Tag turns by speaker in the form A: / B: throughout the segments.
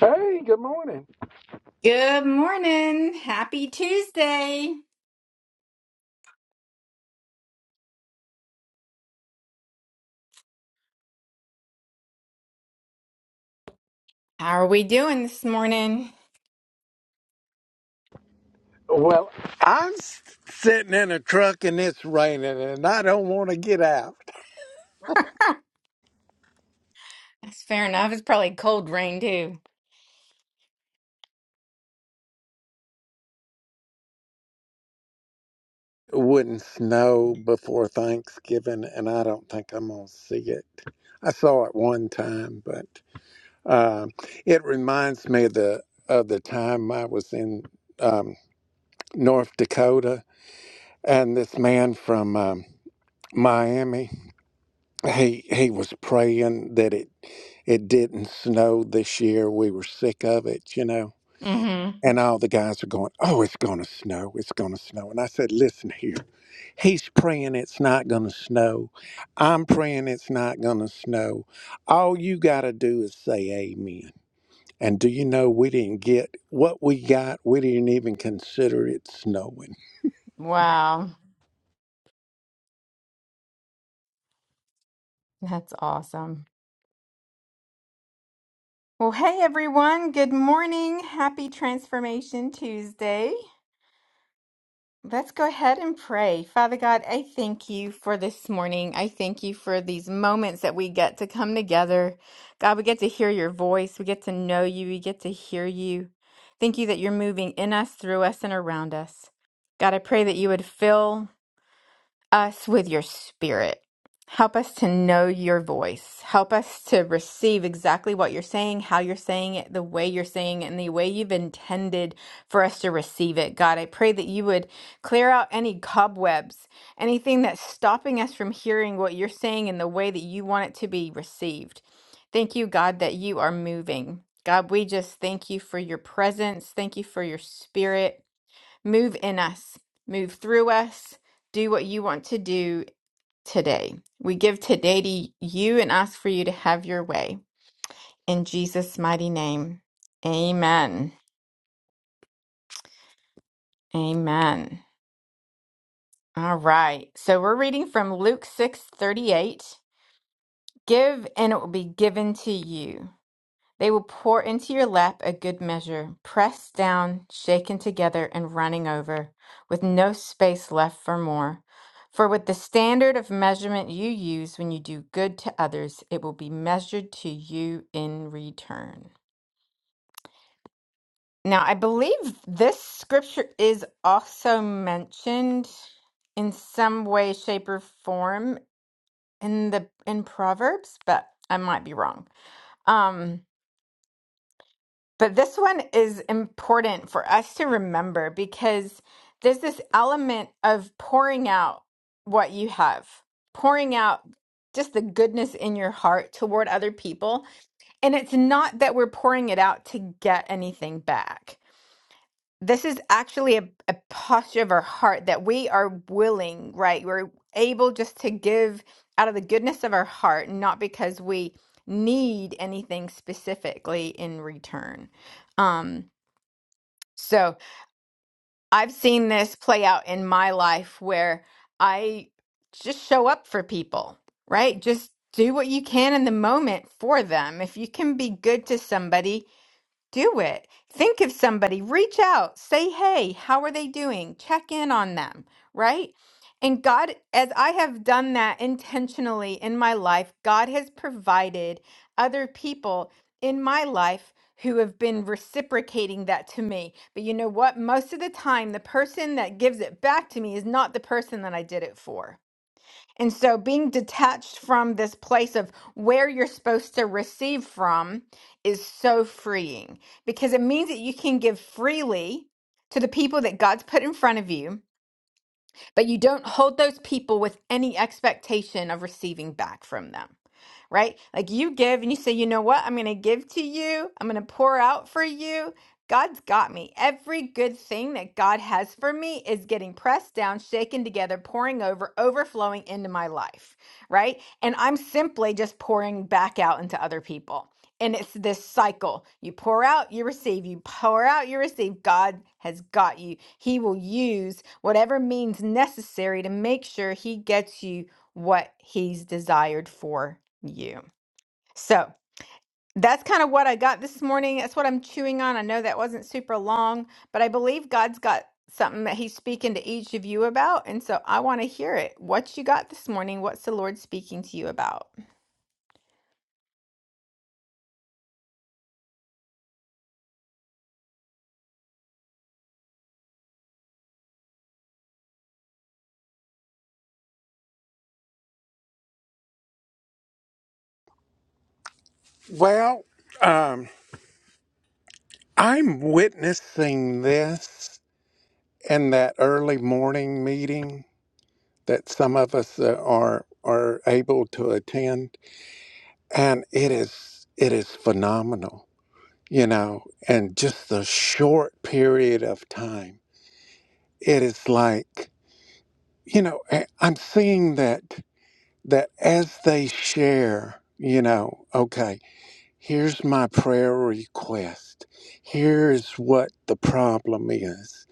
A: Hey, good morning.
B: Good morning. Happy Tuesday. How are we doing this morning?
A: Well, I'm s- sitting in a truck and it's raining and I don't want to get out.
B: That's fair enough. It's probably cold rain too.
A: It wouldn't snow before Thanksgiving and I don't think I'm going to see it. I saw it one time, but um it reminds me of the, of the time I was in um, North Dakota and this man from um, Miami, he, he was praying that it, it didn't snow this year. We were sick of it, you know
B: hmm
A: And all the guys are going, Oh, it's going to snow. It's going to snow. And I said, Listen here. He's praying it's not going to snow. I'm praying it's not going to snow. All you got to do is say amen. And do you know we didn't get what we got? We didn't even consider it snowing.
B: Wow. That's awesome. Well, hey everyone. Good morning. Happy Transformation Tuesday. Let's go ahead and pray. Father God, I thank you for this morning. I thank you for these moments that we get to come together. God, we get to hear your voice. We get to know you. We get to hear you. Thank you that you're moving in us, through us, and around us. God, I pray that you would fill us with your spirit. Help us to know your voice. Help us to receive exactly what you're saying, how you're saying it, the way you're saying it, and the way you've intended for us to receive it. God, I pray that you would clear out any cobwebs, anything that's stopping us from hearing what you're saying in the way that you want it to be received. Thank you, God, that you are moving. God, we just thank you for your presence. Thank you for your spirit. Move in us, move through us, do what you want to do today. We give today to you and ask for you to have your way. In Jesus' mighty name, amen. Amen. All right. So we're reading from Luke 6 38: Give and it will be given to you. They will pour into your lap a good measure, pressed down, shaken together, and running over, with no space left for more. For with the standard of measurement you use when you do good to others, it will be measured to you in return. Now, I believe this scripture is also mentioned in some way, shape, or form in the in Proverbs, but I might be wrong. Um, But this one is important for us to remember because there's this element of pouring out what you have, pouring out just the goodness in your heart toward other people. And it's not that we're pouring it out to get anything back. This is actually a, a posture of our heart that we are willing, right? We're able just to give out of the goodness of our heart, not because we need anything specifically in return. Um, so I've seen this play out in my life where I just show up for people, right? Just do what you can in the moment for them. If you can be good to somebody, do it. Think of somebody, reach out, say, hey, how are they doing? Check in on them, right? And God, as I have done that intentionally in my life, God has provided other people in my life who have been reciprocating that to me. But you know what? Most of the time, the person that gives it back to me is not the person that I did it for. And so being detached from this place of where you're supposed to receive from is so freeing because it means that you can give freely to the people that God's put in front of you, but you don't hold those people with any expectation of receiving back from them right? Like you give and you say, you know what? I'm going to give to you. I'm going to pour out for you. God's got me. Every good thing that God has for me is getting pressed down, shaken together, pouring over, overflowing into my life, right? And I'm simply just pouring back out into other people. And it's this cycle. You pour out, you receive. You pour out, you receive. God has got you. He will use whatever means necessary to make sure He gets you what He's desired for yeah. So that's kind of what I got this morning. That's what I'm chewing on. I know that wasn't super long, but I believe God's got something that He's speaking to each of you about. And so I want to hear it. What you got this morning? What's the Lord speaking to you about?
A: Well, um, I'm witnessing this in that early morning meeting that some of us uh, are are able to attend and it is it is phenomenal you know and just the short period of time it is like you know I- i'm seeing that that as they share you know okay here's my prayer request here's what the problem is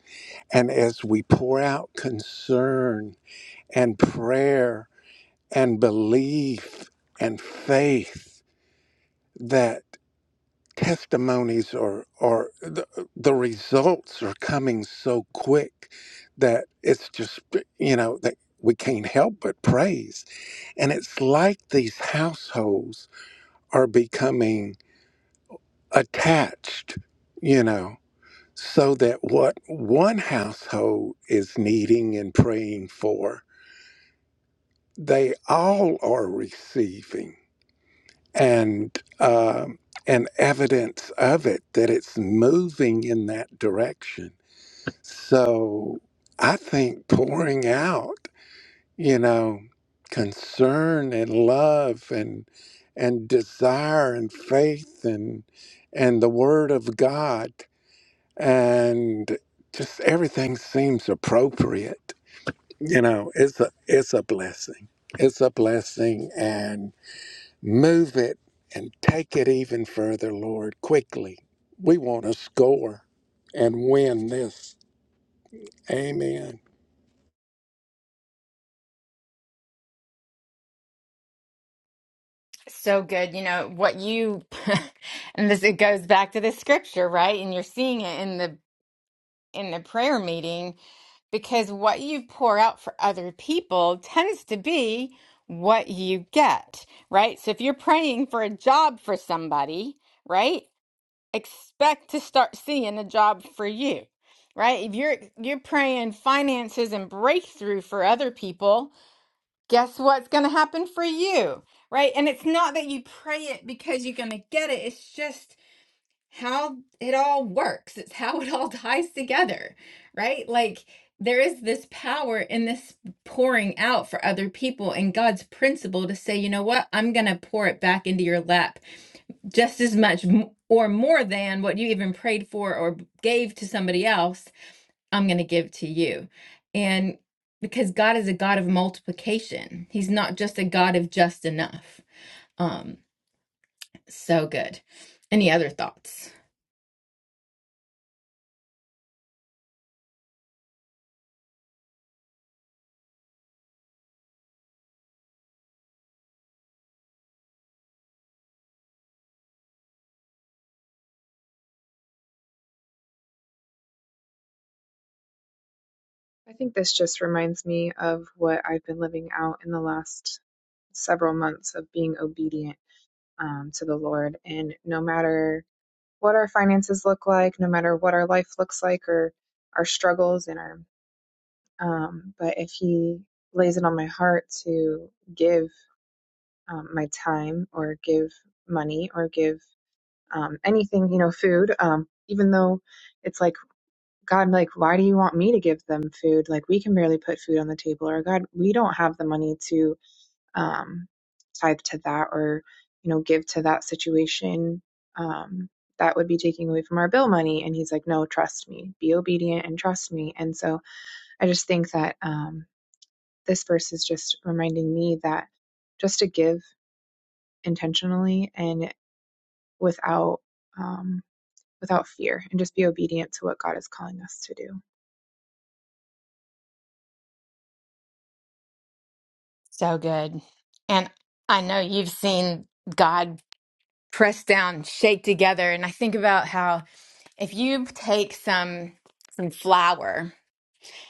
A: and as we pour out concern and prayer and belief and faith that. testimonies or or the, the results are coming so quick that it's just you know that we can't help but praise and it's like these households are becoming attached you know so that what one household is needing and praying for they all are receiving and um and evidence of it that it's moving in that direction So I think pouring out, you know, concern and love and and desire and faith and and the word of God and just everything seems appropriate. You know, it's a it's a blessing. It's a blessing and move it and take it even further, Lord, quickly. We want to score and win this. Amen.
B: So good. You know, what you, and this, it goes back to the scripture, right? And you're seeing it in the in a prayer meeting because what you pour out for other people tends to be what you get, right? So if you're praying for a job for somebody, right? Expect to start seeing a job for you. Right? If you're you're praying finances and breakthrough for other people, guess what's going to happen for you? Right? And it's not that you pray it because you're going to get it. It's just how it all works. It's how it all ties together, right? Like there is this power in this pouring out for other people and God's principle to say, you know what? I'm going to pour it back into your lap just as much m- or more than what you even prayed for or b- gave to somebody else. I'm going to give to you. And because God is a God of multiplication, He's not just a God of just enough. Um, so good. Any other thoughts?
C: I think this just reminds me of what I've been living out in the last several months of being obedient um, to the Lord. And no matter what our finances look like, no matter what our life looks like, or our struggles and our, um, but if He lays it on my heart to give um, my time or give money or give um, anything, you know, food, um, even though it's like God, like, why do you want me to give them food? Like, we can barely put food on the table, or God, we don't have the money to um, tithe to that or, you know, give to that situation. Um, that would be taking away from our bill money. And he's like, no, trust me, be obedient and trust me. And so I just think that um, this verse is just reminding me that just to give intentionally and without um, without fear, and just be obedient to what God is calling us to do.
B: So good. And I know you've seen God press down, shake together. And I think about how if you take some some flour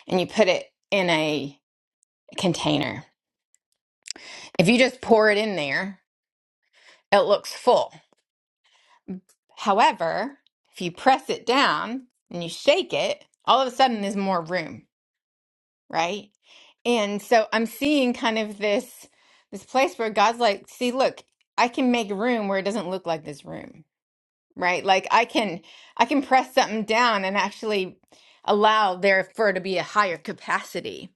B: and you put it in a container, if you just pour it in there, it looks full. However, if you press it down and you shake it, all of a sudden there's more room, right? And so I'm seeing kind of this this place where God's like, "See, look, I can make room where it doesn't look like this room." Right? Like I can I can press something down and actually allow there for to be a higher capacity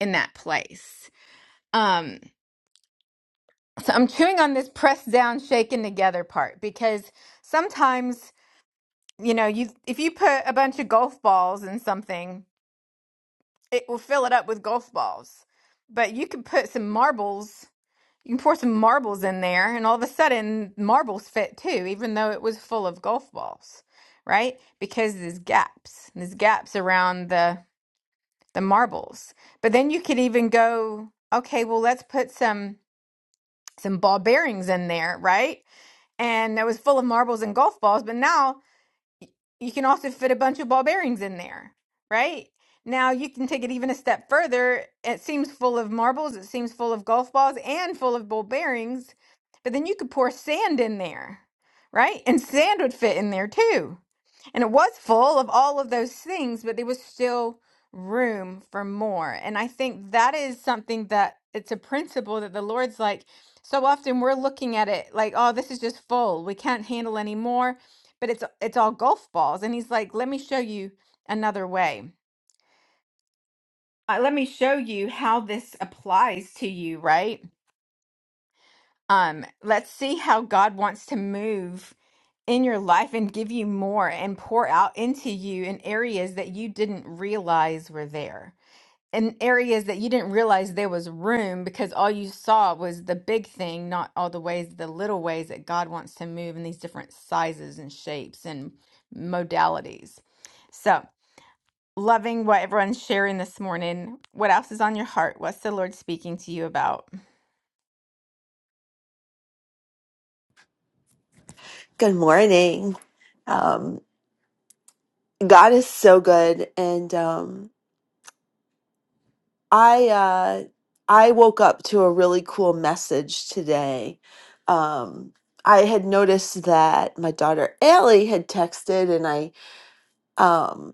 B: in that place. Um so I'm chewing on this press down shaken together part because sometimes you know, you if you put a bunch of golf balls in something, it will fill it up with golf balls. But you can put some marbles, you can pour some marbles in there, and all of a sudden marbles fit too, even though it was full of golf balls, right? Because there's gaps. There's gaps around the the marbles. But then you could even go, okay, well let's put some some ball bearings in there, right? And it was full of marbles and golf balls, but now you can also fit a bunch of ball bearings in there, right? Now you can take it even a step further. It seems full of marbles, it seems full of golf balls and full of ball bearings, but then you could pour sand in there, right? And sand would fit in there too. And it was full of all of those things, but there was still room for more. And I think that is something that it's a principle that the Lord's like, so often we're looking at it like, oh, this is just full. We can't handle any more. But it's it's all golf balls. And he's like, let me show you another way. Uh, let me show you how this applies to you, right? Um, let's see how God wants to move in your life and give you more and pour out into you in areas that you didn't realize were there. In areas that you didn't realize there was room because all you saw was the big thing, not all the ways, the little ways that God wants to move in these different sizes and shapes and modalities. So, loving what everyone's sharing this morning. What else is on your heart? What's the Lord speaking to you about?
D: Good morning. Um, God is so good, and um, I uh, I woke up to a really cool message today. Um, I had noticed that my daughter Allie had texted, and I um,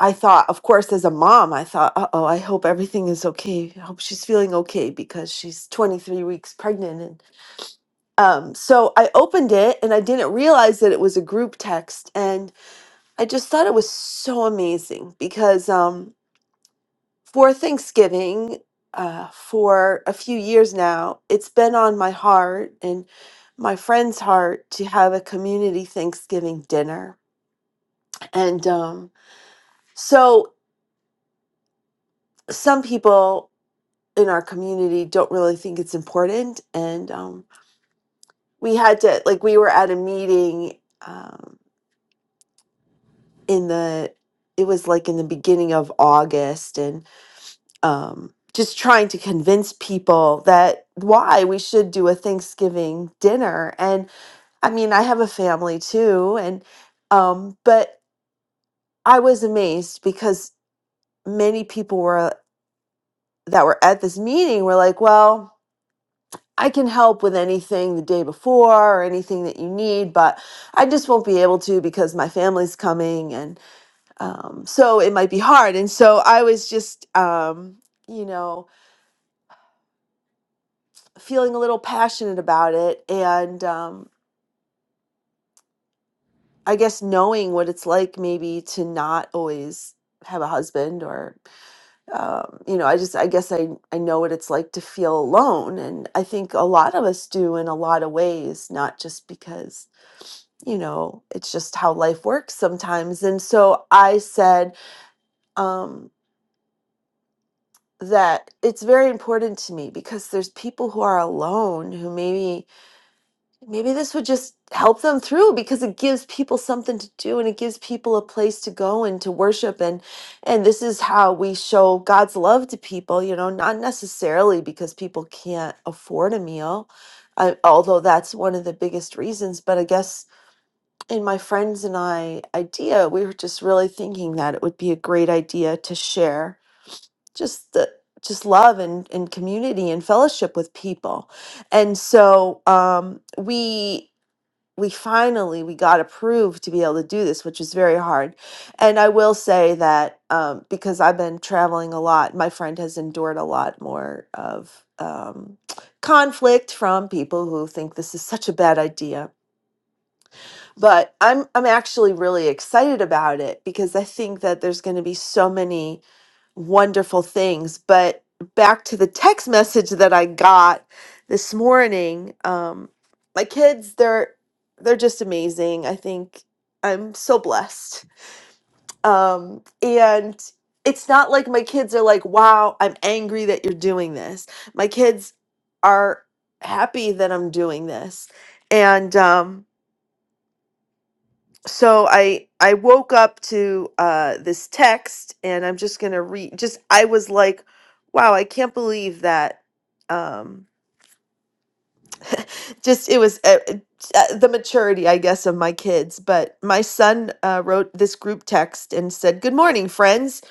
D: I thought, of course, as a mom, I thought, uh oh, I hope everything is okay. I hope she's feeling okay because she's 23 weeks pregnant, and um, so I opened it, and I didn't realize that it was a group text, and I just thought it was so amazing because um, for Thanksgiving, uh, for a few years now, it's been on my heart and my friend's heart to have a community Thanksgiving dinner. And um, so some people in our community don't really think it's important. And um, we had to, like, we were at a meeting um, in the, it was like in the beginning of August. and. um, just trying to convince people that why we should do a Thanksgiving dinner. And I mean, I have a family too, and um, but I was amazed because many people were that were at this meeting were like, well. I can help with anything the day before or anything that you need, but I just won't be able to because my family's coming, and um, so it might be hard. And so I was just, um, you know, feeling a little passionate about it and um, i guess knowing what it's like maybe to not always have a husband or um, you know i just i guess I, I know what it's like to feel alone and i think a lot of us do in a lot of ways not just because you know it's just how life works sometimes and so i said um, that it's very important to me because there's people who are alone who maybe maybe this would just help them through because it gives people something to do and it gives people a place to go and to worship and and this is how we show God's love to people you know not necessarily because people can't afford a meal I, although that's one of the biggest reasons but I guess in my friends and I idea we were just really thinking that it would be a great idea to share just the just love and, and community and fellowship with people and so um, we we finally we got approved to be able to do this which was very hard and i will say that um, because i've been traveling a lot my friend has endured a lot more of um, conflict from people who think this is such a bad idea but i'm i'm actually really excited about it because i think that there's going to be so many wonderful things. But back to the text message that I got this morning, um, my kids, they're they're just amazing. I think I'm so blessed. Um, and it's not like my kids are like, "Wow, I'm angry that you're doing this." My kids are happy that I'm doing this, and um, so i i woke up to uh this text and i'm just gonna read just i was like wow i can't believe that um just it was uh, uh, uh, the maturity i guess of my kids but my son uh, wrote this group text and said good morning friends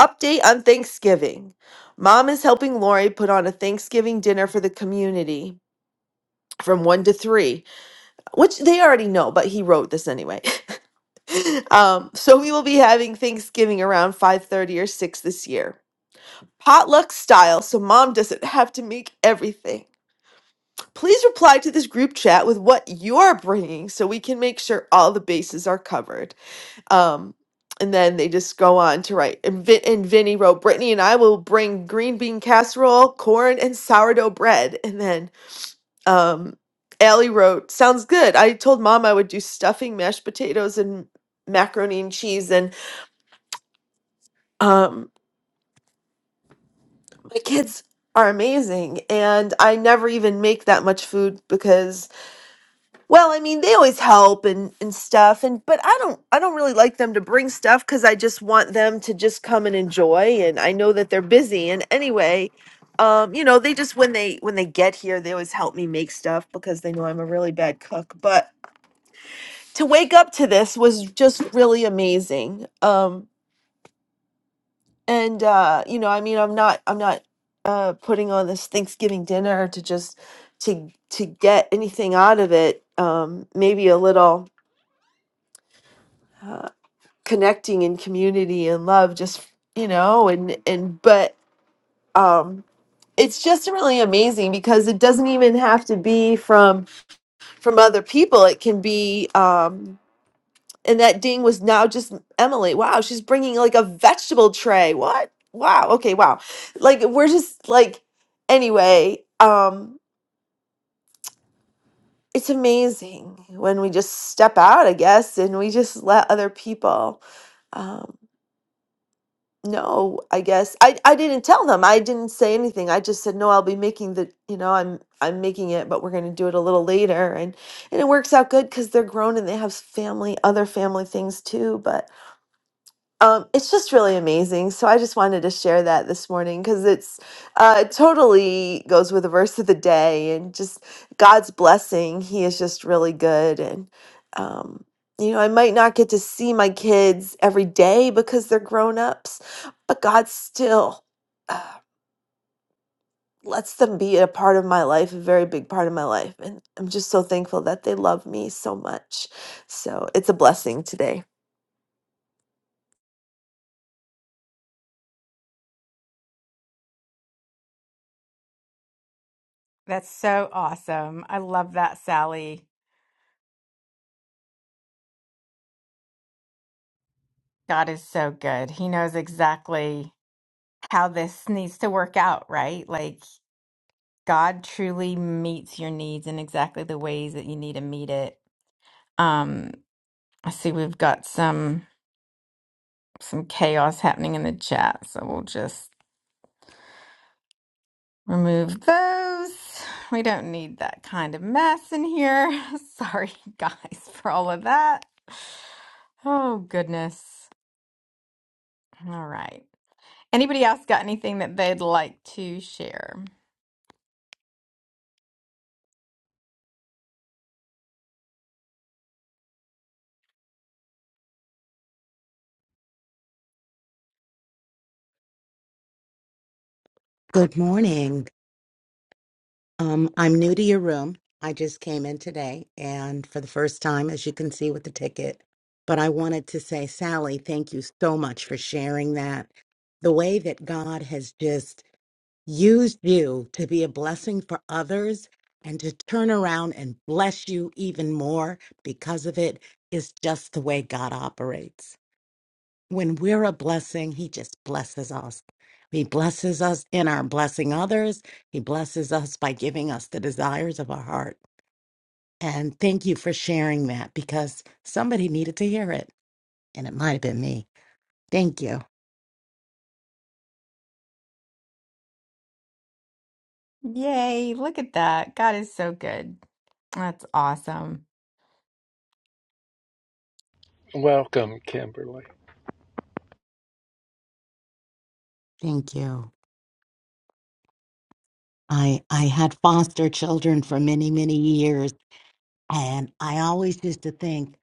D: update on thanksgiving mom is helping lori put on a thanksgiving dinner for the community from one to three which they already know but he wrote this anyway um, so we will be having Thanksgiving around 5:30 or 6 this year. Potluck style, so mom doesn't have to make everything. Please reply to this group chat with what you're bringing so we can make sure all the bases are covered. Um, and then they just go on to write. And, Vin- and Vinny wrote, Brittany and I will bring green bean casserole, corn, and sourdough bread. And then um, Allie wrote, Sounds good. I told mom I would do stuffing, mashed potatoes, and macaroni and cheese. And Um, my kids are amazing, and I never even make that much food because, well, I mean, they always help and and stuff, and but I don't, I don't really like them to bring stuff because I just want them to just come and enjoy, and I know that they're busy, and anyway. Um, you know, they just when they when they get here, they always help me make stuff because they know I'm a really bad cook. But to wake up to this was just really amazing. Um, and uh you know i mean i'm not i'm not uh putting on this thanksgiving dinner to just to to get anything out of it um maybe a little uh, connecting and community and love just you know and and but um it's just really amazing because it doesn't even have to be from from other people it can be um and that ding was now just Emily. Wow, she's bringing like a vegetable tray. What? Wow. Okay, wow. Like we're just like anyway, um it's amazing when we just step out, I guess, and we just let other people um no, I guess I I didn't tell them. I didn't say anything. I just said no. I'll be making the you know I'm I'm making it, but we're going to do it a little later, and and it works out good because they're grown and they have family, other family things too. But Um, it's just really amazing. So I just wanted to share that this morning because it's uh, it totally goes with the verse of the day and just God's blessing. He is just really good. And, um, you know, I might not get to see my kids every day because they're grown ups, but God still uh, lets them be a part of my life, a very big part of my life. And I'm just so thankful that they love me so much. So it's a blessing today.
B: That's so awesome. I love that, Sally. God is so good. He knows exactly how this needs to work out, right? Like God truly meets your needs in exactly the ways that you need to meet it. Um, I see we've got some some chaos happening in the chat, so we'll just remove those. We don't need that kind of mess in here. Sorry guys for all of that. Oh goodness. All right. Anybody else got anything that they'd like to share?
E: Good morning. Um, I'm new to your room. I just came in today and for the first time, as you can see with the ticket. But I wanted to say, Sally, thank you so much for sharing that. The way that God has just used you to be a blessing for others and to turn around and bless you even more because of it is just the way God operates when we're a blessing, he just blesses us. He blesses us in our blessing others. He blesses us by giving us the desires of our heart. And thank you for sharing that because somebody needed to hear it. And it might have been me. Thank you.
B: Yay, look at that. God is so good. That's awesome.
A: Welcome, Kimberly.
E: Thank you. I I had foster children for many, many years. And I always used to think,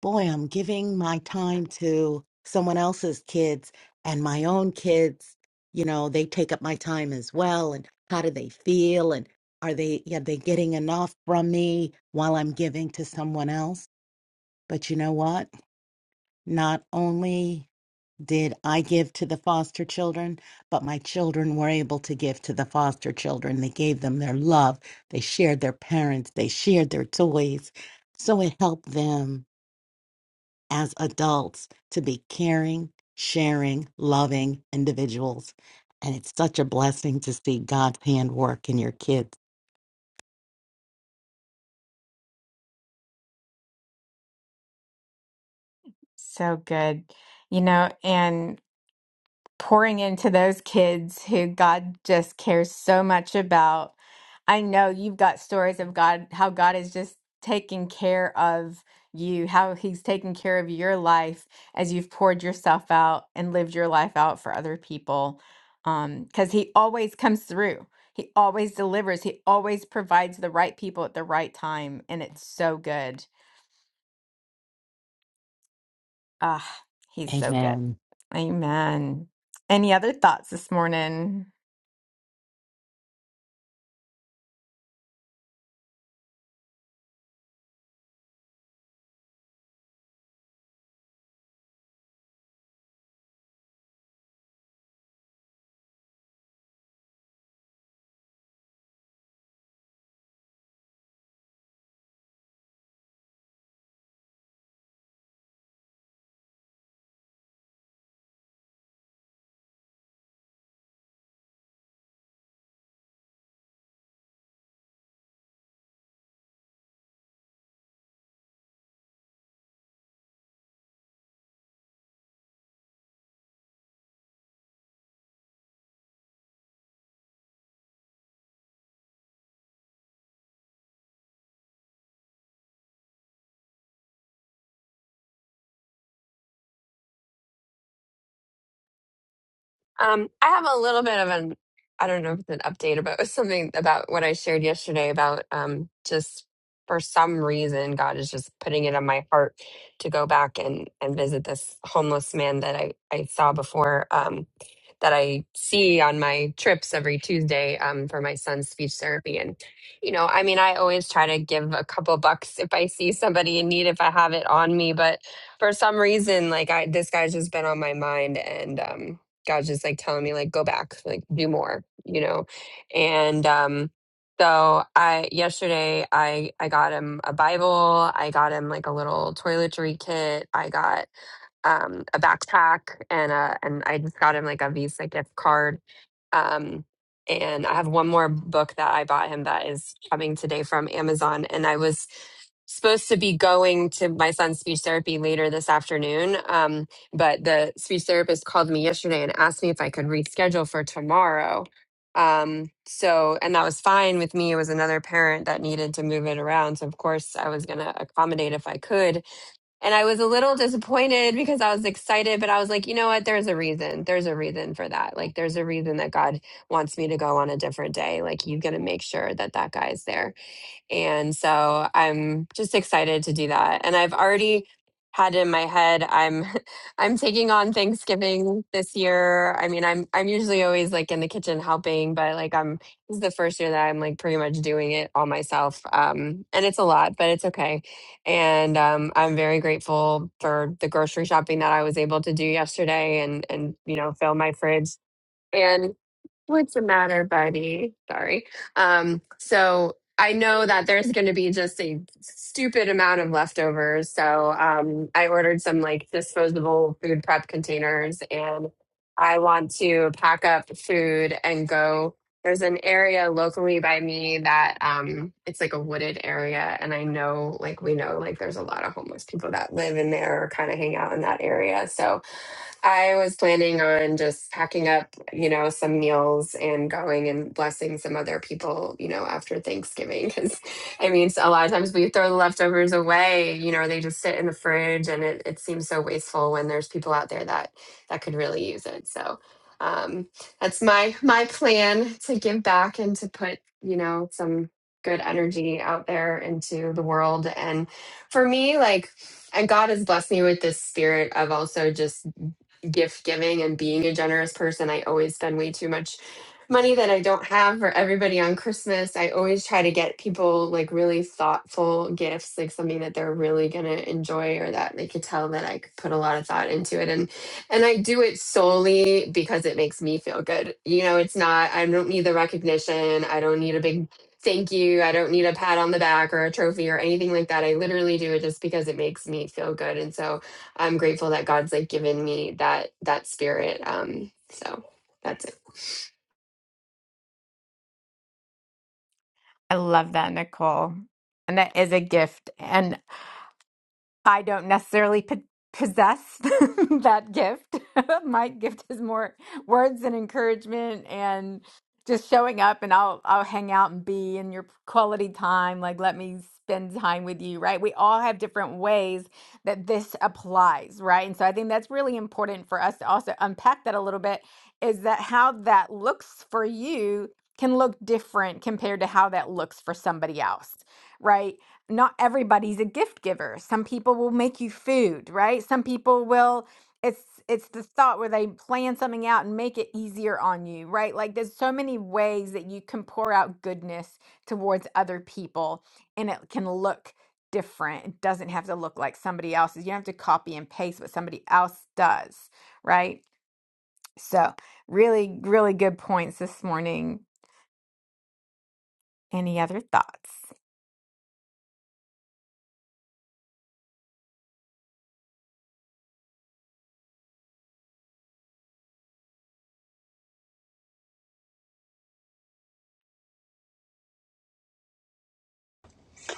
E: boy, I'm giving my time to someone else's kids and my own kids, you know, they take up my time as well. And how do they feel? And are they, are they getting enough from me while I'm giving to someone else? But you know what? Not only did I give to the foster children, but my children were able to give to the foster children. They gave them their love, they shared their parents, they shared their toys. So it helped them as adults to be caring, sharing, loving individuals. And it's such a blessing to see God's hand work in your kids.
B: So good. You know, and pouring into those kids who God just cares so much about. I know you've got stories of God, how God is just taking care of you, how He's taking care of your life as you've poured yourself out and lived your life out for other people. Because He always comes through, He always delivers, He always provides the right people at the right time. And it's so good. Ah, He's so good.
E: Amen.
B: Amen. Any other thoughts this morning?
F: Um, I have a little bit of an, I don't know if it's an update, but it was something about what I shared yesterday about um, just for some reason, God is just putting it on my heart to go back and, and visit this homeless man that I, I saw before, um, that I see on my trips every Tuesday um, for my son's speech therapy. And, you know, I mean, I always try to give a couple bucks if I see somebody in need, if I have it on me, but for some reason, like I, this guy's just been on my mind and, um, God's just like telling me like go back, like do more, you know. And um so I yesterday I I got him a Bible, I got him like a little toiletry kit, I got um, a backpack and a and I just got him like a Visa gift card. Um, and I have one more book that I bought him that is coming today from Amazon. And I was supposed to be going to my son's speech therapy later this afternoon, um, but the speech therapist called me yesterday and asked me if I could reschedule for tomorrow. Um, so, and that was fine with me. It was another parent that needed to move it around. So, of course, I was going to accommodate if I could and I was a little disappointed because I was excited, but I was like, you know what? There's a reason. There's a reason for that. Like, there's a reason that God wants me to go on a different day. Like, you have got to make sure that that guy's there. And so I'm just excited to do that. And I've already had in my head I'm I'm taking on Thanksgiving this year. I mean, I'm I'm usually always like in the kitchen helping, but like I'm this is the first year that I'm like pretty much doing it all myself. Um and it's a lot, but it's okay. And um I'm very grateful for the grocery shopping that I was able to do yesterday and and you know, fill my fridge. and. What's the matter, buddy? Sorry. Um, so I know that there's going to be just a stupid amount of leftovers. So um, I ordered some like disposable food prep containers and I want to pack up food and go. There's an area locally by me that um, it's like a wooded area. And I know, like, we know, like, there's a lot of homeless people that live in there or kind of hang out in that area. So I was planning on just packing up, you know, some meals and going and blessing some other people, you know, after Thanksgiving. Cause I mean, a lot of times we throw the leftovers away, you know, they just sit in the fridge and it, it seems so wasteful when there's people out there that, that could really use it. So, um, that's my, my plan to give back and to put, you know, some good energy out there into the world. And for me, like, and God has blessed me with this spirit of also just gift giving and being a generous person. I always spend way too much money that I don't have for everybody on Christmas. I always try to get people like really thoughtful gifts, like something that they're really going to enjoy or that they could tell that I could put a lot of thought into it. And and I do it solely because it makes me feel good. You know, it's not I don't need the recognition. I don't need a big thank you. I don't need a pat on the back or a trophy or anything like that. I literally do it just because it makes me feel good. And so I'm grateful that God's like given me that that spirit. Um, so that's it.
B: I love that, Nicole. And that is a gift. And I don't necessarily po- possess that gift. My gift is more words and encouragement and just showing up and I'll I'll hang out and be in your quality time like let me spend time with you, right? We all have different ways that this applies, right? And so I think that's really important for us to also unpack that a little bit is that how that looks for you can look different compared to how that looks for somebody else right? not everybody's a gift giver. Some people will make you food, right? Some people will it's it's this thought where they plan something out and make it easier on you, right? Like there's so many ways that you can pour out goodness towards other people and it can look different. It doesn't have to look like somebody else's. You don't have to copy and paste what somebody else does, right? So, really really good points this morning. Any other thoughts?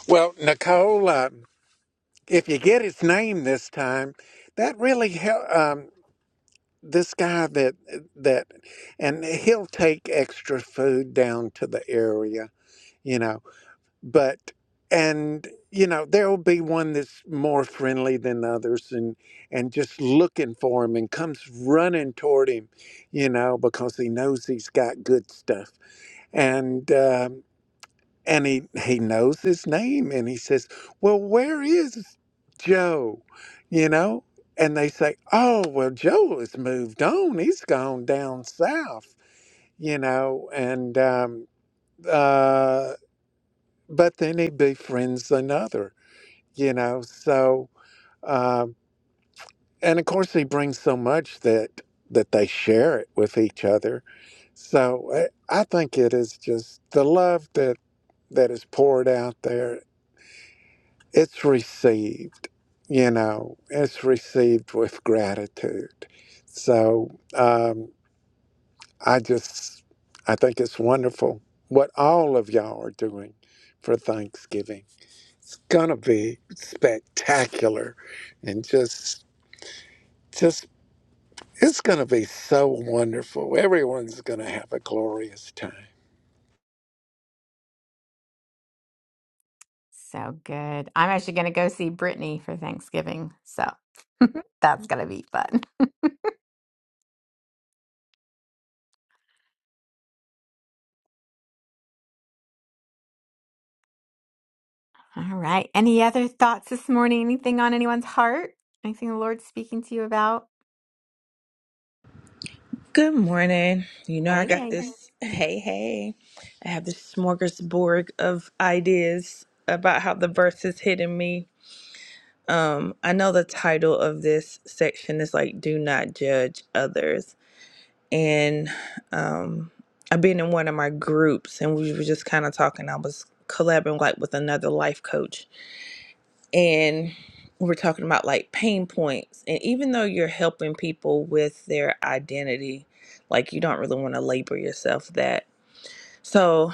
A: Well, Nicole, uh, if you get his name this time, that really hel Um, this guy that that, and he'll take extra food down to the area, you know. But and you know there will be one that's more friendly than others, and and just looking for him and comes running toward him, you know, because he knows he's got good stuff, and. um and he he knows his name and he says well where is joe you know and they say oh well joe has moved on he's gone down south you know and um uh but then he befriends another you know so um and of course he brings so much that that they share it with each other so i I think it is just the love that that is poured out there it's received you know it's received with gratitude so um, i just i think it's wonderful what all of y'all are doing for thanksgiving it's gonna be spectacular and just just it's gonna be so wonderful everyone's gonna have a glorious time
B: So good. I'm actually going to go see Brittany for Thanksgiving. So that's going to be fun. All right. Any other thoughts this morning? Anything on anyone's heart? Anything the Lord's speaking to you about?
G: Good morning. You know, I
B: Hey,
G: got
B: lady.
G: this. Hey, hey. I have this smorgasbord of ideas about how the verse is hitting me. Um, I know the title of this section is like Do Not Judge Others. And um I've been in one of my groups and we were just kind of talking. I was collabing like with another life coach and we're talking about like pain points and even though you're helping people with their identity like you don't really want to labor yourself that so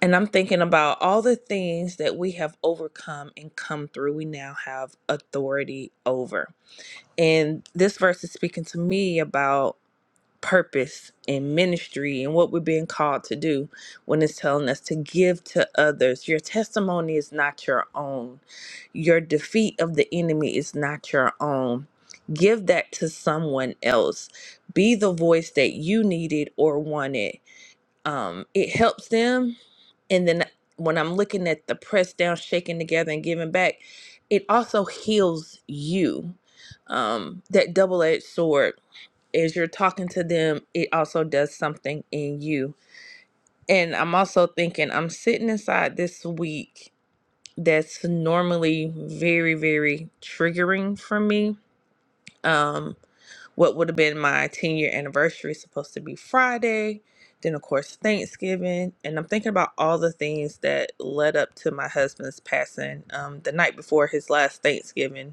G: and i'm thinking about all the things that we have overcome and come through we now have authority over and this verse is speaking to me about purpose and ministry and what we're being called to do when it's telling us to give to others. Your testimony is not your own, your defeat of the enemy is not your own. Give that to someone else. Be the voice that you needed or wanted. Um, it helps them. And then when I'm looking at the press down, shaking together, and giving back, it also heals you. Um, that double edged sword as you're talking to them, it also does something in you. And I'm also thinking, I'm sitting inside this week that's normally very, very triggering for me. Um, what would have been my 10 year anniversary, supposed to be Friday, then, of course, Thanksgiving. And I'm thinking about all the things that led up to my husband's passing um, the night before his last Thanksgiving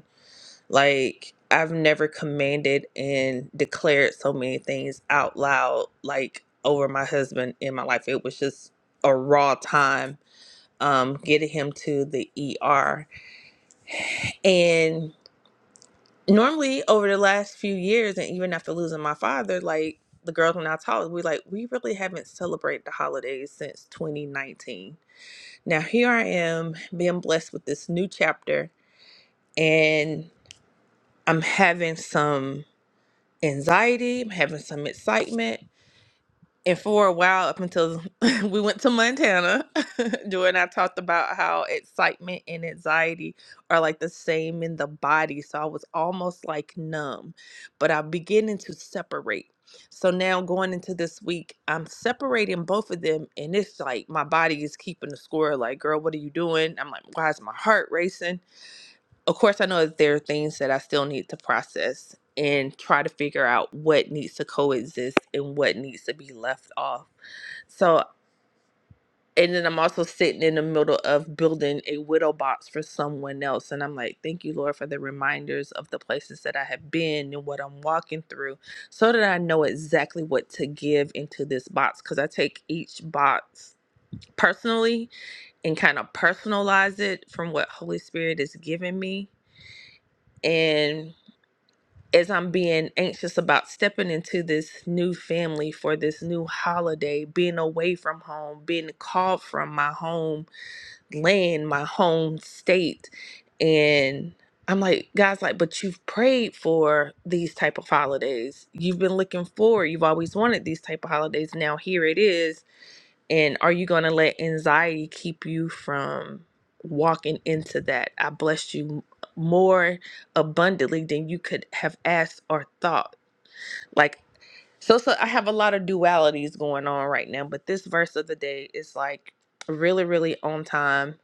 G: like, I've never commanded and declared so many things out loud, like over my husband in my life. It was just a raw time um, getting him to the ER. And normally, over the last few years, and even after losing my father, like the girls when I talk, we like, we really haven't celebrated the holidays since 2019. Now, here I am being blessed with this new chapter, and I'm having some. anxiety, I'm having some excitement. And for a while, up until we went to Montana, Joy and I talked about how excitement and anxiety are like the same in the body. So I was almost like numb, but I'm beginning to separate. So now going into this week, I'm separating both of them. And it's like my body is keeping the score like, girl, what are you doing? I'm like, why is my heart racing? of course, I know that there are things that I still need to process and try to figure out what needs to coexist and what needs to be left off. So, and then I'm also sitting in the middle of building a widow box for someone else. And I'm like, thank you, Lord, for the reminders of the places that I have been and what I'm walking through so that I know exactly what to give into this box. Because I take each box personally and kind of personalize it from what Holy Spirit is giving me. And as I'm being anxious about stepping into this new family for this new holiday, being away from home, being called from my home land, my home state. And I'm like, guys, like, but you've prayed for these type of holidays. You've been looking forward. You've always wanted these type of holidays. Now here it is and are you going to let anxiety keep you from walking into that? I blessed you m- more abundantly than you could have asked or thought. Like, so, so I have a lot of dualities going on right now, but this verse of the day is like really, really on time.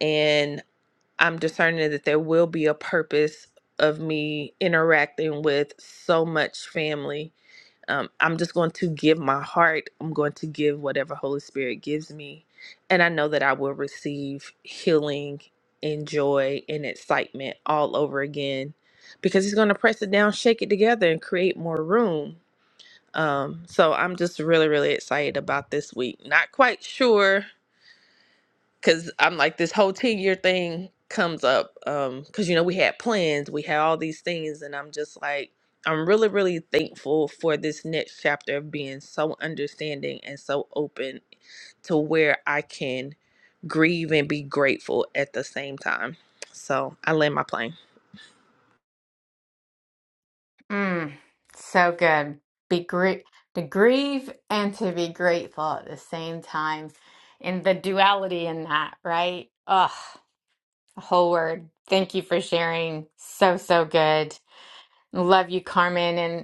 G: And I'm discerning that there will be a purpose of me interacting with so much family um, I'm just going to give my heart. I'm going to give whatever Holy Spirit gives me. And I know that I will receive healing and joy and excitement all over again because He's going to press it down, shake it together, and create more room. Um, so I'm just really, really excited about this week. Not quite sure because I'm like this whole ten year thing comes up um because you know we had plans we had all these things and I'm just like I'm really really thankful for this next chapter of being so understanding and so open to where I can grieve and be grateful at the same time so I land my plane
B: Mm, so good. Be great to grieve and to be grateful at the same time. And the duality in that, right? Ugh, the whole word. Thank you for sharing. So, so good. Love you, Carmen.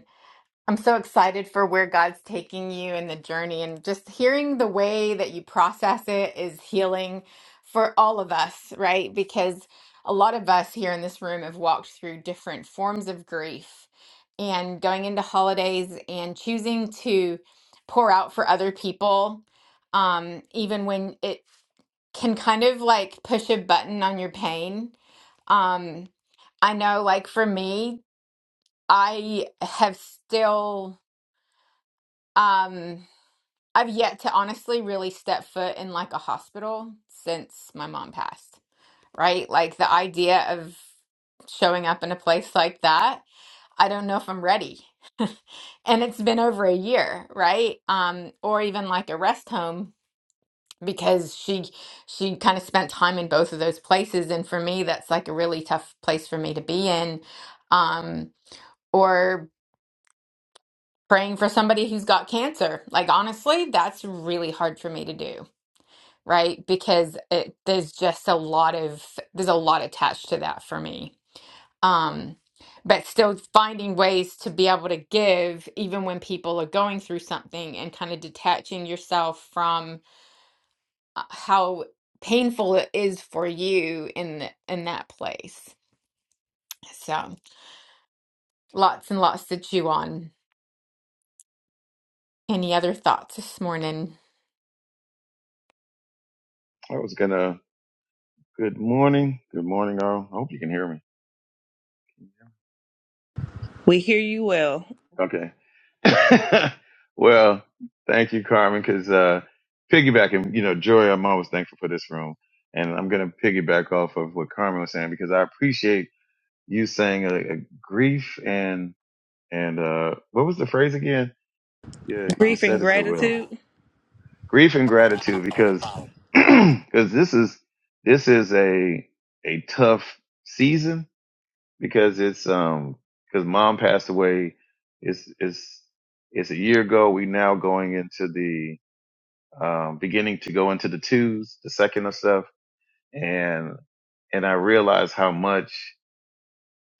B: I'm so excited for where God's taking you in the journey and just hearing the way that you process it is healing for all of us, right? Because a lot of us here in this room have walked through different forms of grief and going into holidays and choosing to pour out for other people, um, even when it can kind of like push a button on your pain. Um, I know, like for me, I have still. Um, I've yet to honestly really step foot in like a hospital since my mom passed, right? Like the idea of showing up in a place like that, I don't know if I'm ready. And it's been over a year, right? Um, or even like a rest home because she she kind of spent time in both of those places, and for me, that's like a really tough place for me to be in. Um, or praying for somebody who's got cancer. Like honestly, that's really hard for me to do right? Because it, there's just a lot of there's a lot attached to that for me. Um, but still finding ways to be able to give even when people are going through something and kind of detaching yourself from uh, how painful it is for you in th- in that place. So lots and lots to chew on. Any other thoughts this morning?
H: I was gonna. Good morning. Good morning, all. I hope you can hear me.
G: we hear you well
H: Okay. well, thank you, Carmen, because uh, piggybacking, you know, Joy, I'm always thankful for this room, and I'm gonna piggyback off of what Carmen was saying because I appreciate you saying a, a grief and and uh, what was the phrase again? Yeah, you
G: grief and
H: said it so well.
G: gratitude
H: Grief and gratitude, because because this is this is a a tough season because it's um because mom passed away it's it's it's a year ago we now going into the um beginning to go into the twos the second of stuff and and i realized how much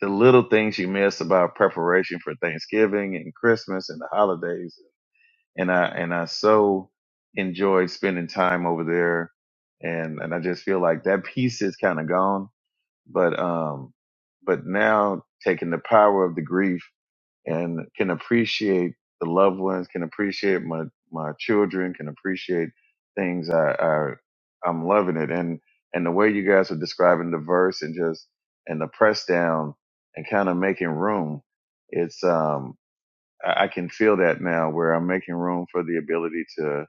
H: the little things you miss about preparation for thanksgiving and christmas and the holidays and i and i so enjoyed spending time over there and and i just feel like that piece is kind of gone but um but now taking the power of the grief and can appreciate the loved ones, can appreciate my my children, can appreciate things. I, I I'm loving it, and and the way you guys are describing the verse and just and the press down and kind of making room, it's um I, I can feel that now where I'm making room for the ability to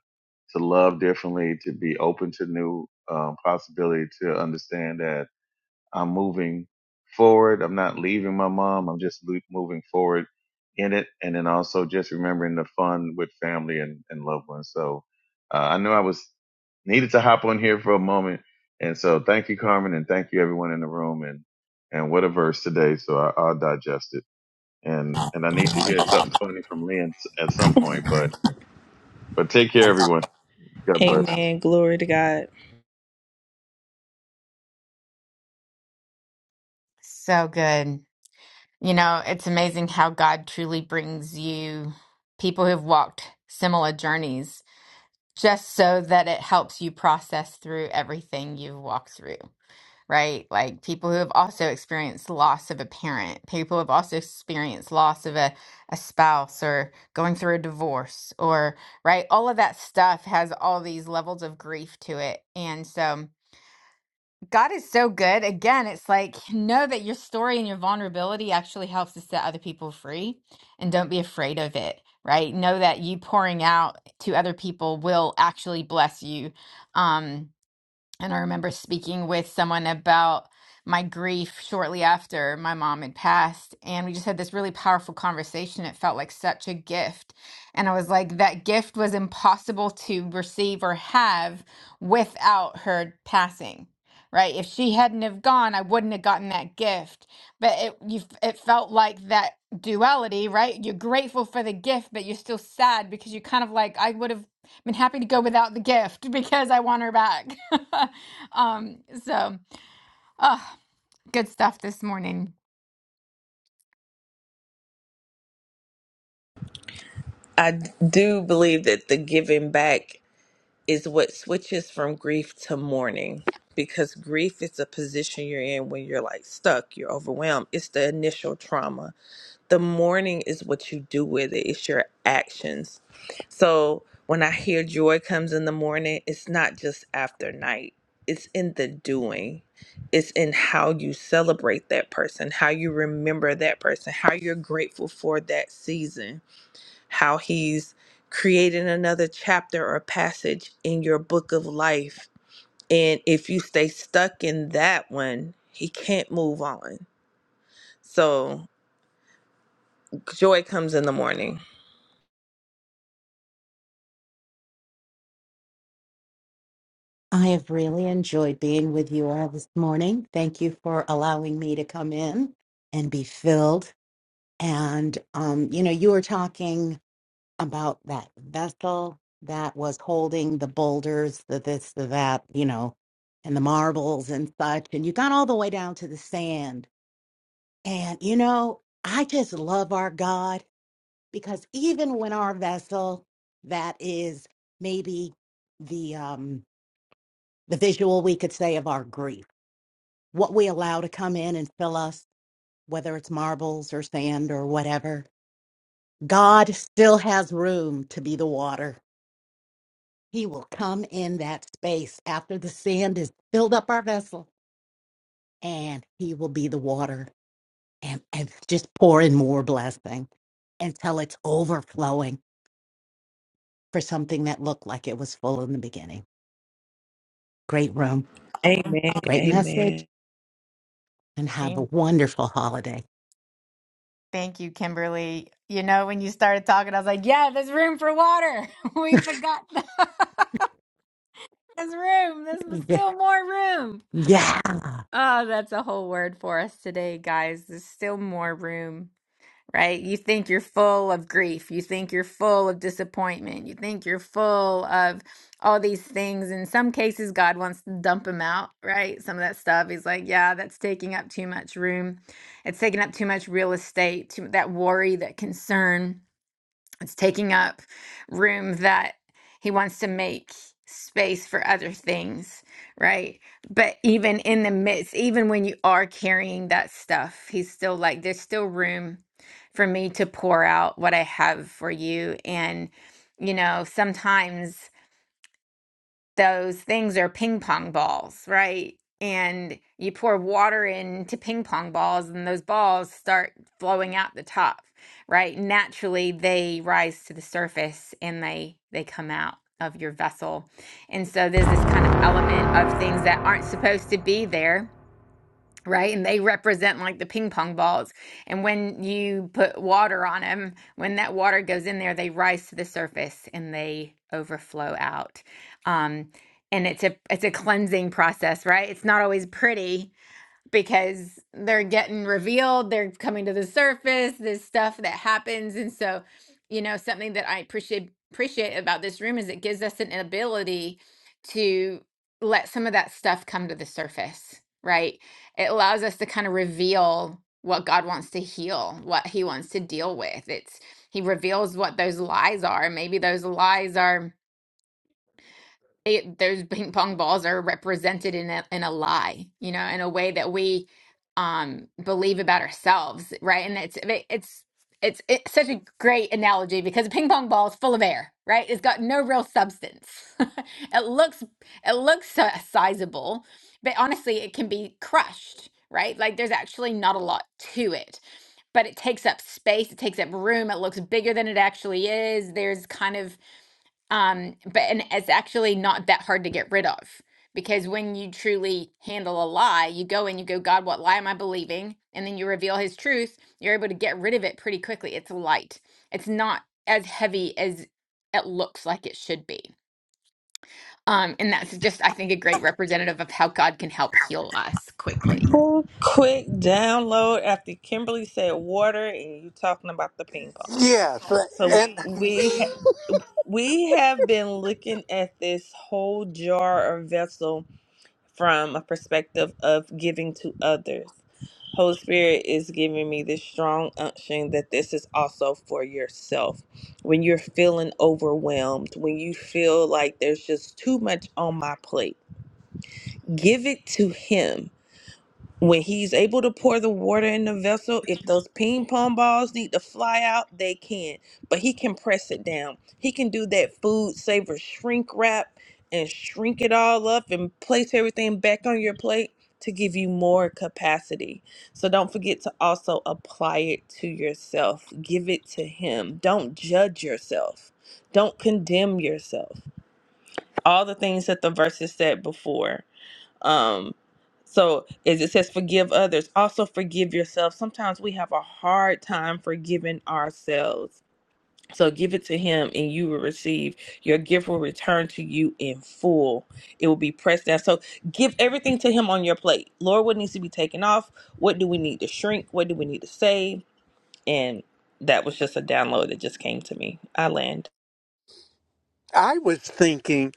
H: to love differently, to be open to new um, possibility, to understand that. I'm moving forward. I'm not leaving my mom. I'm just lo- moving forward in it. And then also just remembering the fun with family and, and loved ones. So uh, I knew I was needed to hop on here for a moment. And so thank you, Carmen, and thank you everyone in the room. And and what a verse today. So I, I'll digest it. And and I need to hear something funny from Lynn s- at some point. But but take care, everyone. God bless.
G: amen glory to God
B: So good. You know, it's amazing how God truly brings you people who've walked similar journeys just so that it helps you process through everything you've walked through, right? Like people who have also experienced loss of a parent, people who have also experienced loss of a, a spouse or going through a divorce or, right? All of that stuff has all these levels of grief to it. And so, God is so good. Again, it's like know that your story and your vulnerability actually helps to set other people free and don't be afraid of it, right? Know that you pouring out to other people will actually bless you. Um and I remember speaking with someone about my grief shortly after my mom had passed. And we just had this really powerful conversation. It felt like such a gift. And I was like, that gift was impossible to receive or have without her passing. Right. If she hadn't have gone, I wouldn't have gotten that gift. But it you it felt like that duality, right? You're grateful for the gift, but you're still sad because you are kind of like, I would have been happy to go without the gift because I want her back. um, so, ah, good stuff this morning.
G: I do believe that the giving back is what switches from grief to mourning because grief is the position you're in when you're like stuck, you're overwhelmed. It's the initial trauma. The mourning is what you do with it, it's your actions. So when I hear joy comes in the morning, it's not just after night, it's in the doing. It's in how you celebrate that person, how you remember that person, how you're grateful for that season how he's creating another chapter or passage in your book of life. And if you stay stuck in that one, he can't move on. So joy comes in the morning.
E: I have really enjoyed being with you all this morning. Thank you for allowing me to come in and be filled And, um, you know, you were talking about that vessel that was holding the boulders, the this, the that, you know, and the marbles and such. And you got all the way down to the sand. And, you know, I just love our God because even when our vessel that is maybe the um the visual we could say of our grief, what we allow to come in and fill us, whether it's marbles or sand or whatever, God still has room to be the water. He will come in that space after the sand has filled up our vessel, and He will be the water and, and just pour in more blessing until it's overflowing for something that looked like it was full in the beginning. Great room,
G: Amen.
E: great message,
G: Amen.
E: and have a
B: Thank
E: wonderful holiday.
B: thank you, Kimberly. You know, when you started talking, I was like, yeah, there's room for water. We forgot the- there's room. There's m- still more room.
E: Yeah.
B: Oh, that's a whole word for us today, guys. There's still more room. right? You think you're full of grief. You think you're full of disappointment. You think you're full of all these things. In some cases, God wants to dump them out, right? Some of that stuff. He's like, yeah, that's taking up too much room. It's taking up too much real estate, too, that worry, that concern. It's taking up room that he wants to make space for other things, right? But even in the midst, even when you are carrying that stuff, he's still like, there's still room for me to pour out what I have for you. And, you know, sometimes those things are ping pong balls, right? And you pour water into ping pong balls, and those balls start flowing out the top, right? Naturally, they rise to the surface and they they come out of your vessel. And so there's this kind of element of things that aren't supposed to be there right? And they represent like the ping pong balls. And when you put water on them, when that water goes in there, they rise to the surface and they overflow out. Um, and it's a it's a cleansing process, right? It's not always pretty, because they're getting revealed, they're coming to the surface, this stuff that happens. And so, you know, something that I appreciate appreciate about this room is it gives us an ability to let some of that stuff come to the surface, right? It allows us to kind of reveal what God wants to heal, what he wants to deal with. It's he reveals what those lies are. Maybe those lies are they, those ping pong balls are represented in a, in a lie, you know, in a way that we um, believe about ourselves, right? And it's it's it's, it's such a great analogy because a ping pong ball is full of air, right? It's got no real substance. it looks it looks uh, sizable, but honestly, it can be crushed, right? Like there's actually not a lot to it but it takes up space, it takes up room, it looks bigger than it actually is. There's kind of um but and it's actually not that hard to get rid of because when you truly handle a lie you go and you go god what lie am i believing and then you reveal his truth you're able to get rid of it pretty quickly it's light it's not as heavy as it looks like it should be um, and that's just, I think, a great representative of how God can help heal us quickly.
G: Cool, quick download after Kimberly said water and you talking about the ping pong.
A: yes
G: So
A: and
G: we ha- we have been looking at this whole jar or vessel from a perspective of giving to others. Holy Spirit is giving me this strong unction that this is also for yourself. When you're feeling overwhelmed, when you feel like there's just too much on my plate, give it to Him when he's able to pour the water in the vessel, if those ping pong balls need to fly out, they can. But he can press it down. He can do that food saver shrink wrap and shrink it all up and place everything back on your plate to give you more capacity. So don't forget to also apply it to yourself. Give it to him. Don't judge yourself. Don't condemn yourself. All the things that the verses said before. Um, so as it says, forgive others, also forgive yourself. Sometimes we have a hard time forgiving ourselves. So give it to him and you will receive. Your gift will return to you in full. It will be pressed down. So give everything to him on your plate. Lord, what needs to be taken off? What do we need to shrink? What do we need to save? And that was just a download that just came to me. I land.
A: i was thinking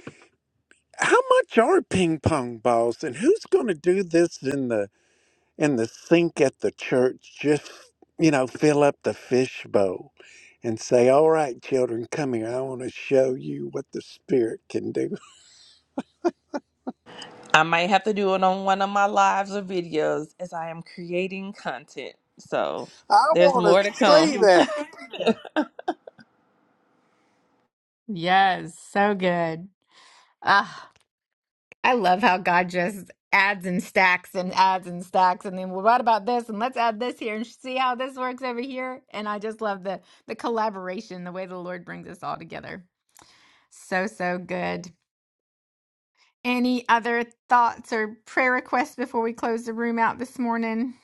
A: how much are ping pong balls and who's going to do this in the in the sink at the church just you know fill up the fish bowl and say all right children come here i want to show you what the spirit can do
G: I might have to do it on one of my lives or videos as I am creating content. So
A: i
G: there's
A: want
G: more to
A: to see
G: come.
A: that.
B: Yes, so good. Ah, I love how God just adds and stacks and adds and stacks, and then well, what about this? And let's add this here and see how this works over here. And I just love the the collaboration, the way the Lord brings us all together. So, so good. Any other thoughts or prayer requests before we close the room out this morning?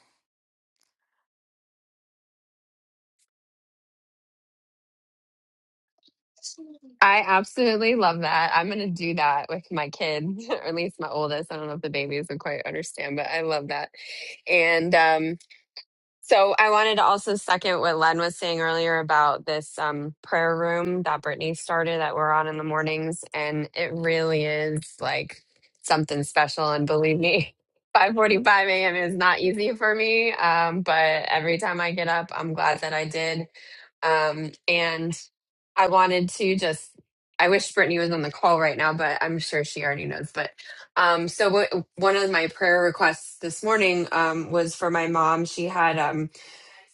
F: I absolutely love that. I'm gonna do that with my kid, or at least my oldest. I don't know if the babies would quite understand, but I love that. And um So I wanted to also second what Len was saying earlier about this um, prayer room that Brittany started that we're on in the mornings, and it really is like something special. And believe me, five forty-five a.m. is not easy for me, um, but every time I get up, I'm glad that I did. Um, and I wanted to just, I wish Brittany was on the call right now, but I'm sure she already knows. But um, so w- one of my prayer requests this morning um, was for my mom. She had um,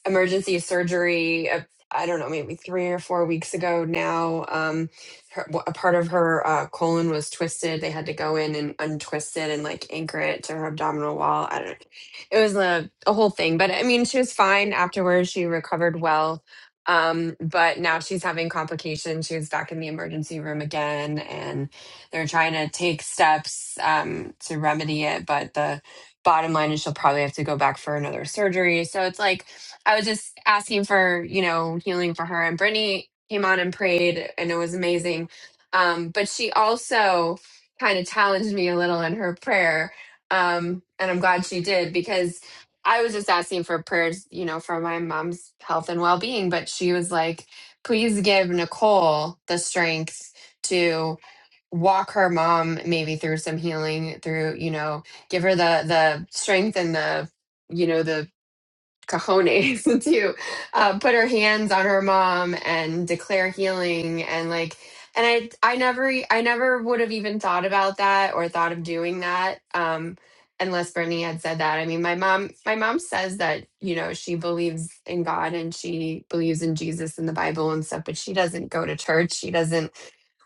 F: emergency surgery. uh, I don't know, maybe three or four weeks ago now. Um, her, a part of her uh, colon was twisted. They had to go in and untwist it and like anchor it to her abdominal wall. I don't. It was a a whole thing, but I mean, she was fine afterwards. She recovered well. Um, but now she's having complications. She was back in the emergency room again, and they're trying to take steps um, to remedy it. But the bottom line is she'll probably have to go back for another surgery. So it's like I was just asking for, you know, healing for her. And Brittany came on and prayed, and it was amazing. Um, but she also kind of challenged me a little in her prayer. Um, and I'm glad she did because I was just asking for prayers, you know, for my mom's health and well being. But she was like, please give Nicole the strength to walk her mom maybe through some healing through you know give her the the strength and the you know the cajones to uh, put her hands on her mom and declare healing and like and i i never I never would have even thought about that or thought of doing that um unless bernie had said that i mean my mom my mom says that you know she believes in god and she believes in jesus and the bible and stuff but she doesn't go to church she doesn't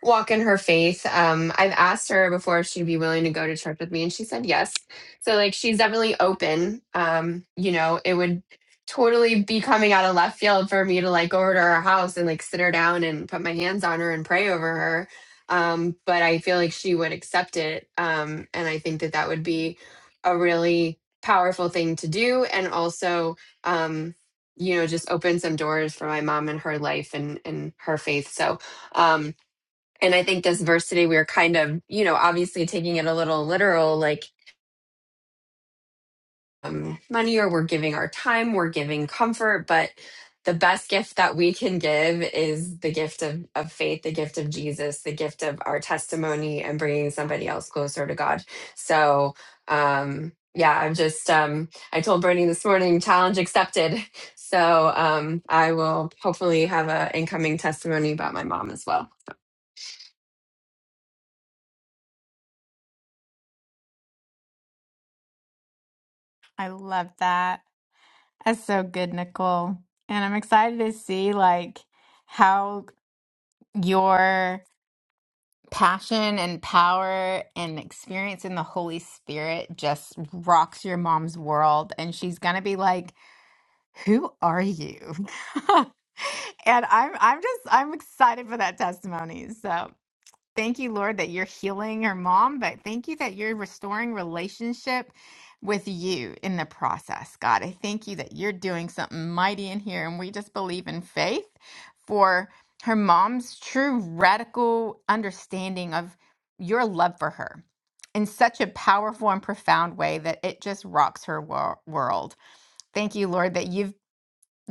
F: walk in her faith. Um, I've asked her before if she'd be willing to go to church with me, and she said yes. So like she's definitely open. Um, you know, it would totally be coming out of left field for me to like go over to her house and like sit her down and put my hands on her and pray over her. Um, but I feel like she would accept it. Um, and I think that that would be a really powerful thing to do. And also, um, you know, just open some doors for my mom and her life and, and her faith. So, um and I think this verse today, we are kind of, you know, obviously taking it a little literal, like um, money, or we're giving our time, we're giving comfort. But the best gift that we can give is the gift of, of faith, the gift of Jesus, the gift of our testimony and bringing somebody else closer to God. So, um, yeah, I'm just, um, I told Bernie this morning, challenge accepted. So um, I will hopefully have an incoming testimony about my mom as well.
B: I love that. That's so good, Nicole. And I'm excited to see like how your passion and power and experience in the Holy Spirit just rocks your mom's world and she's going to be like, "Who are you?" and I'm I'm just I'm excited for that testimony. So, Thank you, Lord, that you're healing her mom, but thank you that you're restoring relationship with you in the process. God, I thank you that you're doing something mighty in here. And we just believe in faith for her mom's true radical understanding of your love for her in such a powerful and profound way that it just rocks her wor- world. Thank you, Lord, that you've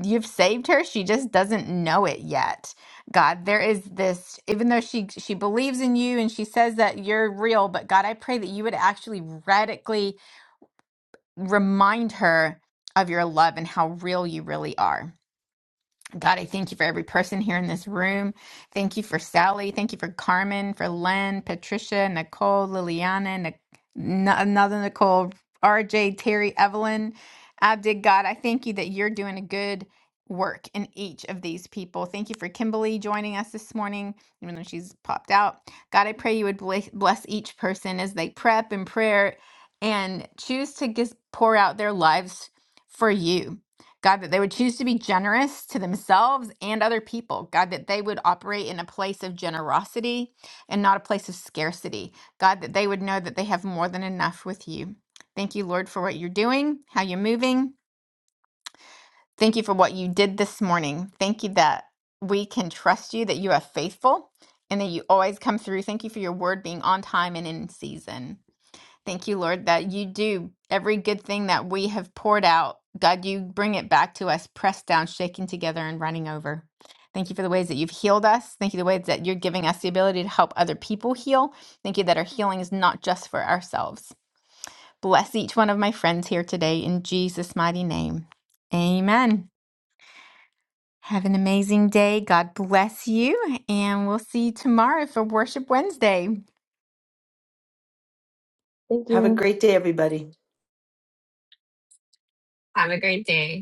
B: You've saved her. She just doesn't know it yet. God, there is this, even though she she believes in you and she says that you're real, but God, I pray that you would actually radically remind her of your love and how real you really are. God, I thank you for every person here in this room. Thank you for Sally. Thank you for Carmen, for Len, Patricia, Nicole, Liliana, Nic- n- another Nicole, RJ, Terry, Evelyn, Abdig. God, I thank you that you're doing a good work in each of these people. Thank you for Kimberly joining us this morning, even though she's popped out. God, I pray you would bless bless each person as they prep in prayer and choose to just pour out their lives for you. God, that they would choose to be generous to themselves and other people. God, that they would operate in a place of generosity and not a place of scarcity. God, that they would know that they have more than enough with you. Thank you, Lord, for what you're doing, how you're moving. Thank you for what you did this morning. Thank you that we can trust you, that you are faithful, and that you always come through. Thank you for your word being on time and in season. Thank you, Lord, that you do every good thing that we have poured out. God, you bring it back to us, pressed down, shaken together, and running over. Thank you for the ways that you've healed us. Thank you for the ways that you're giving us the ability to help other people heal. Thank you that our healing is not just for ourselves. Bless each one of my friends here today in Jesus' mighty name. Amen. Have an amazing day. God bless you. And we'll see you tomorrow for Worship Wednesday.
I: Thank
D: Have a
I: you.
D: great day, everybody.
F: Have a great day.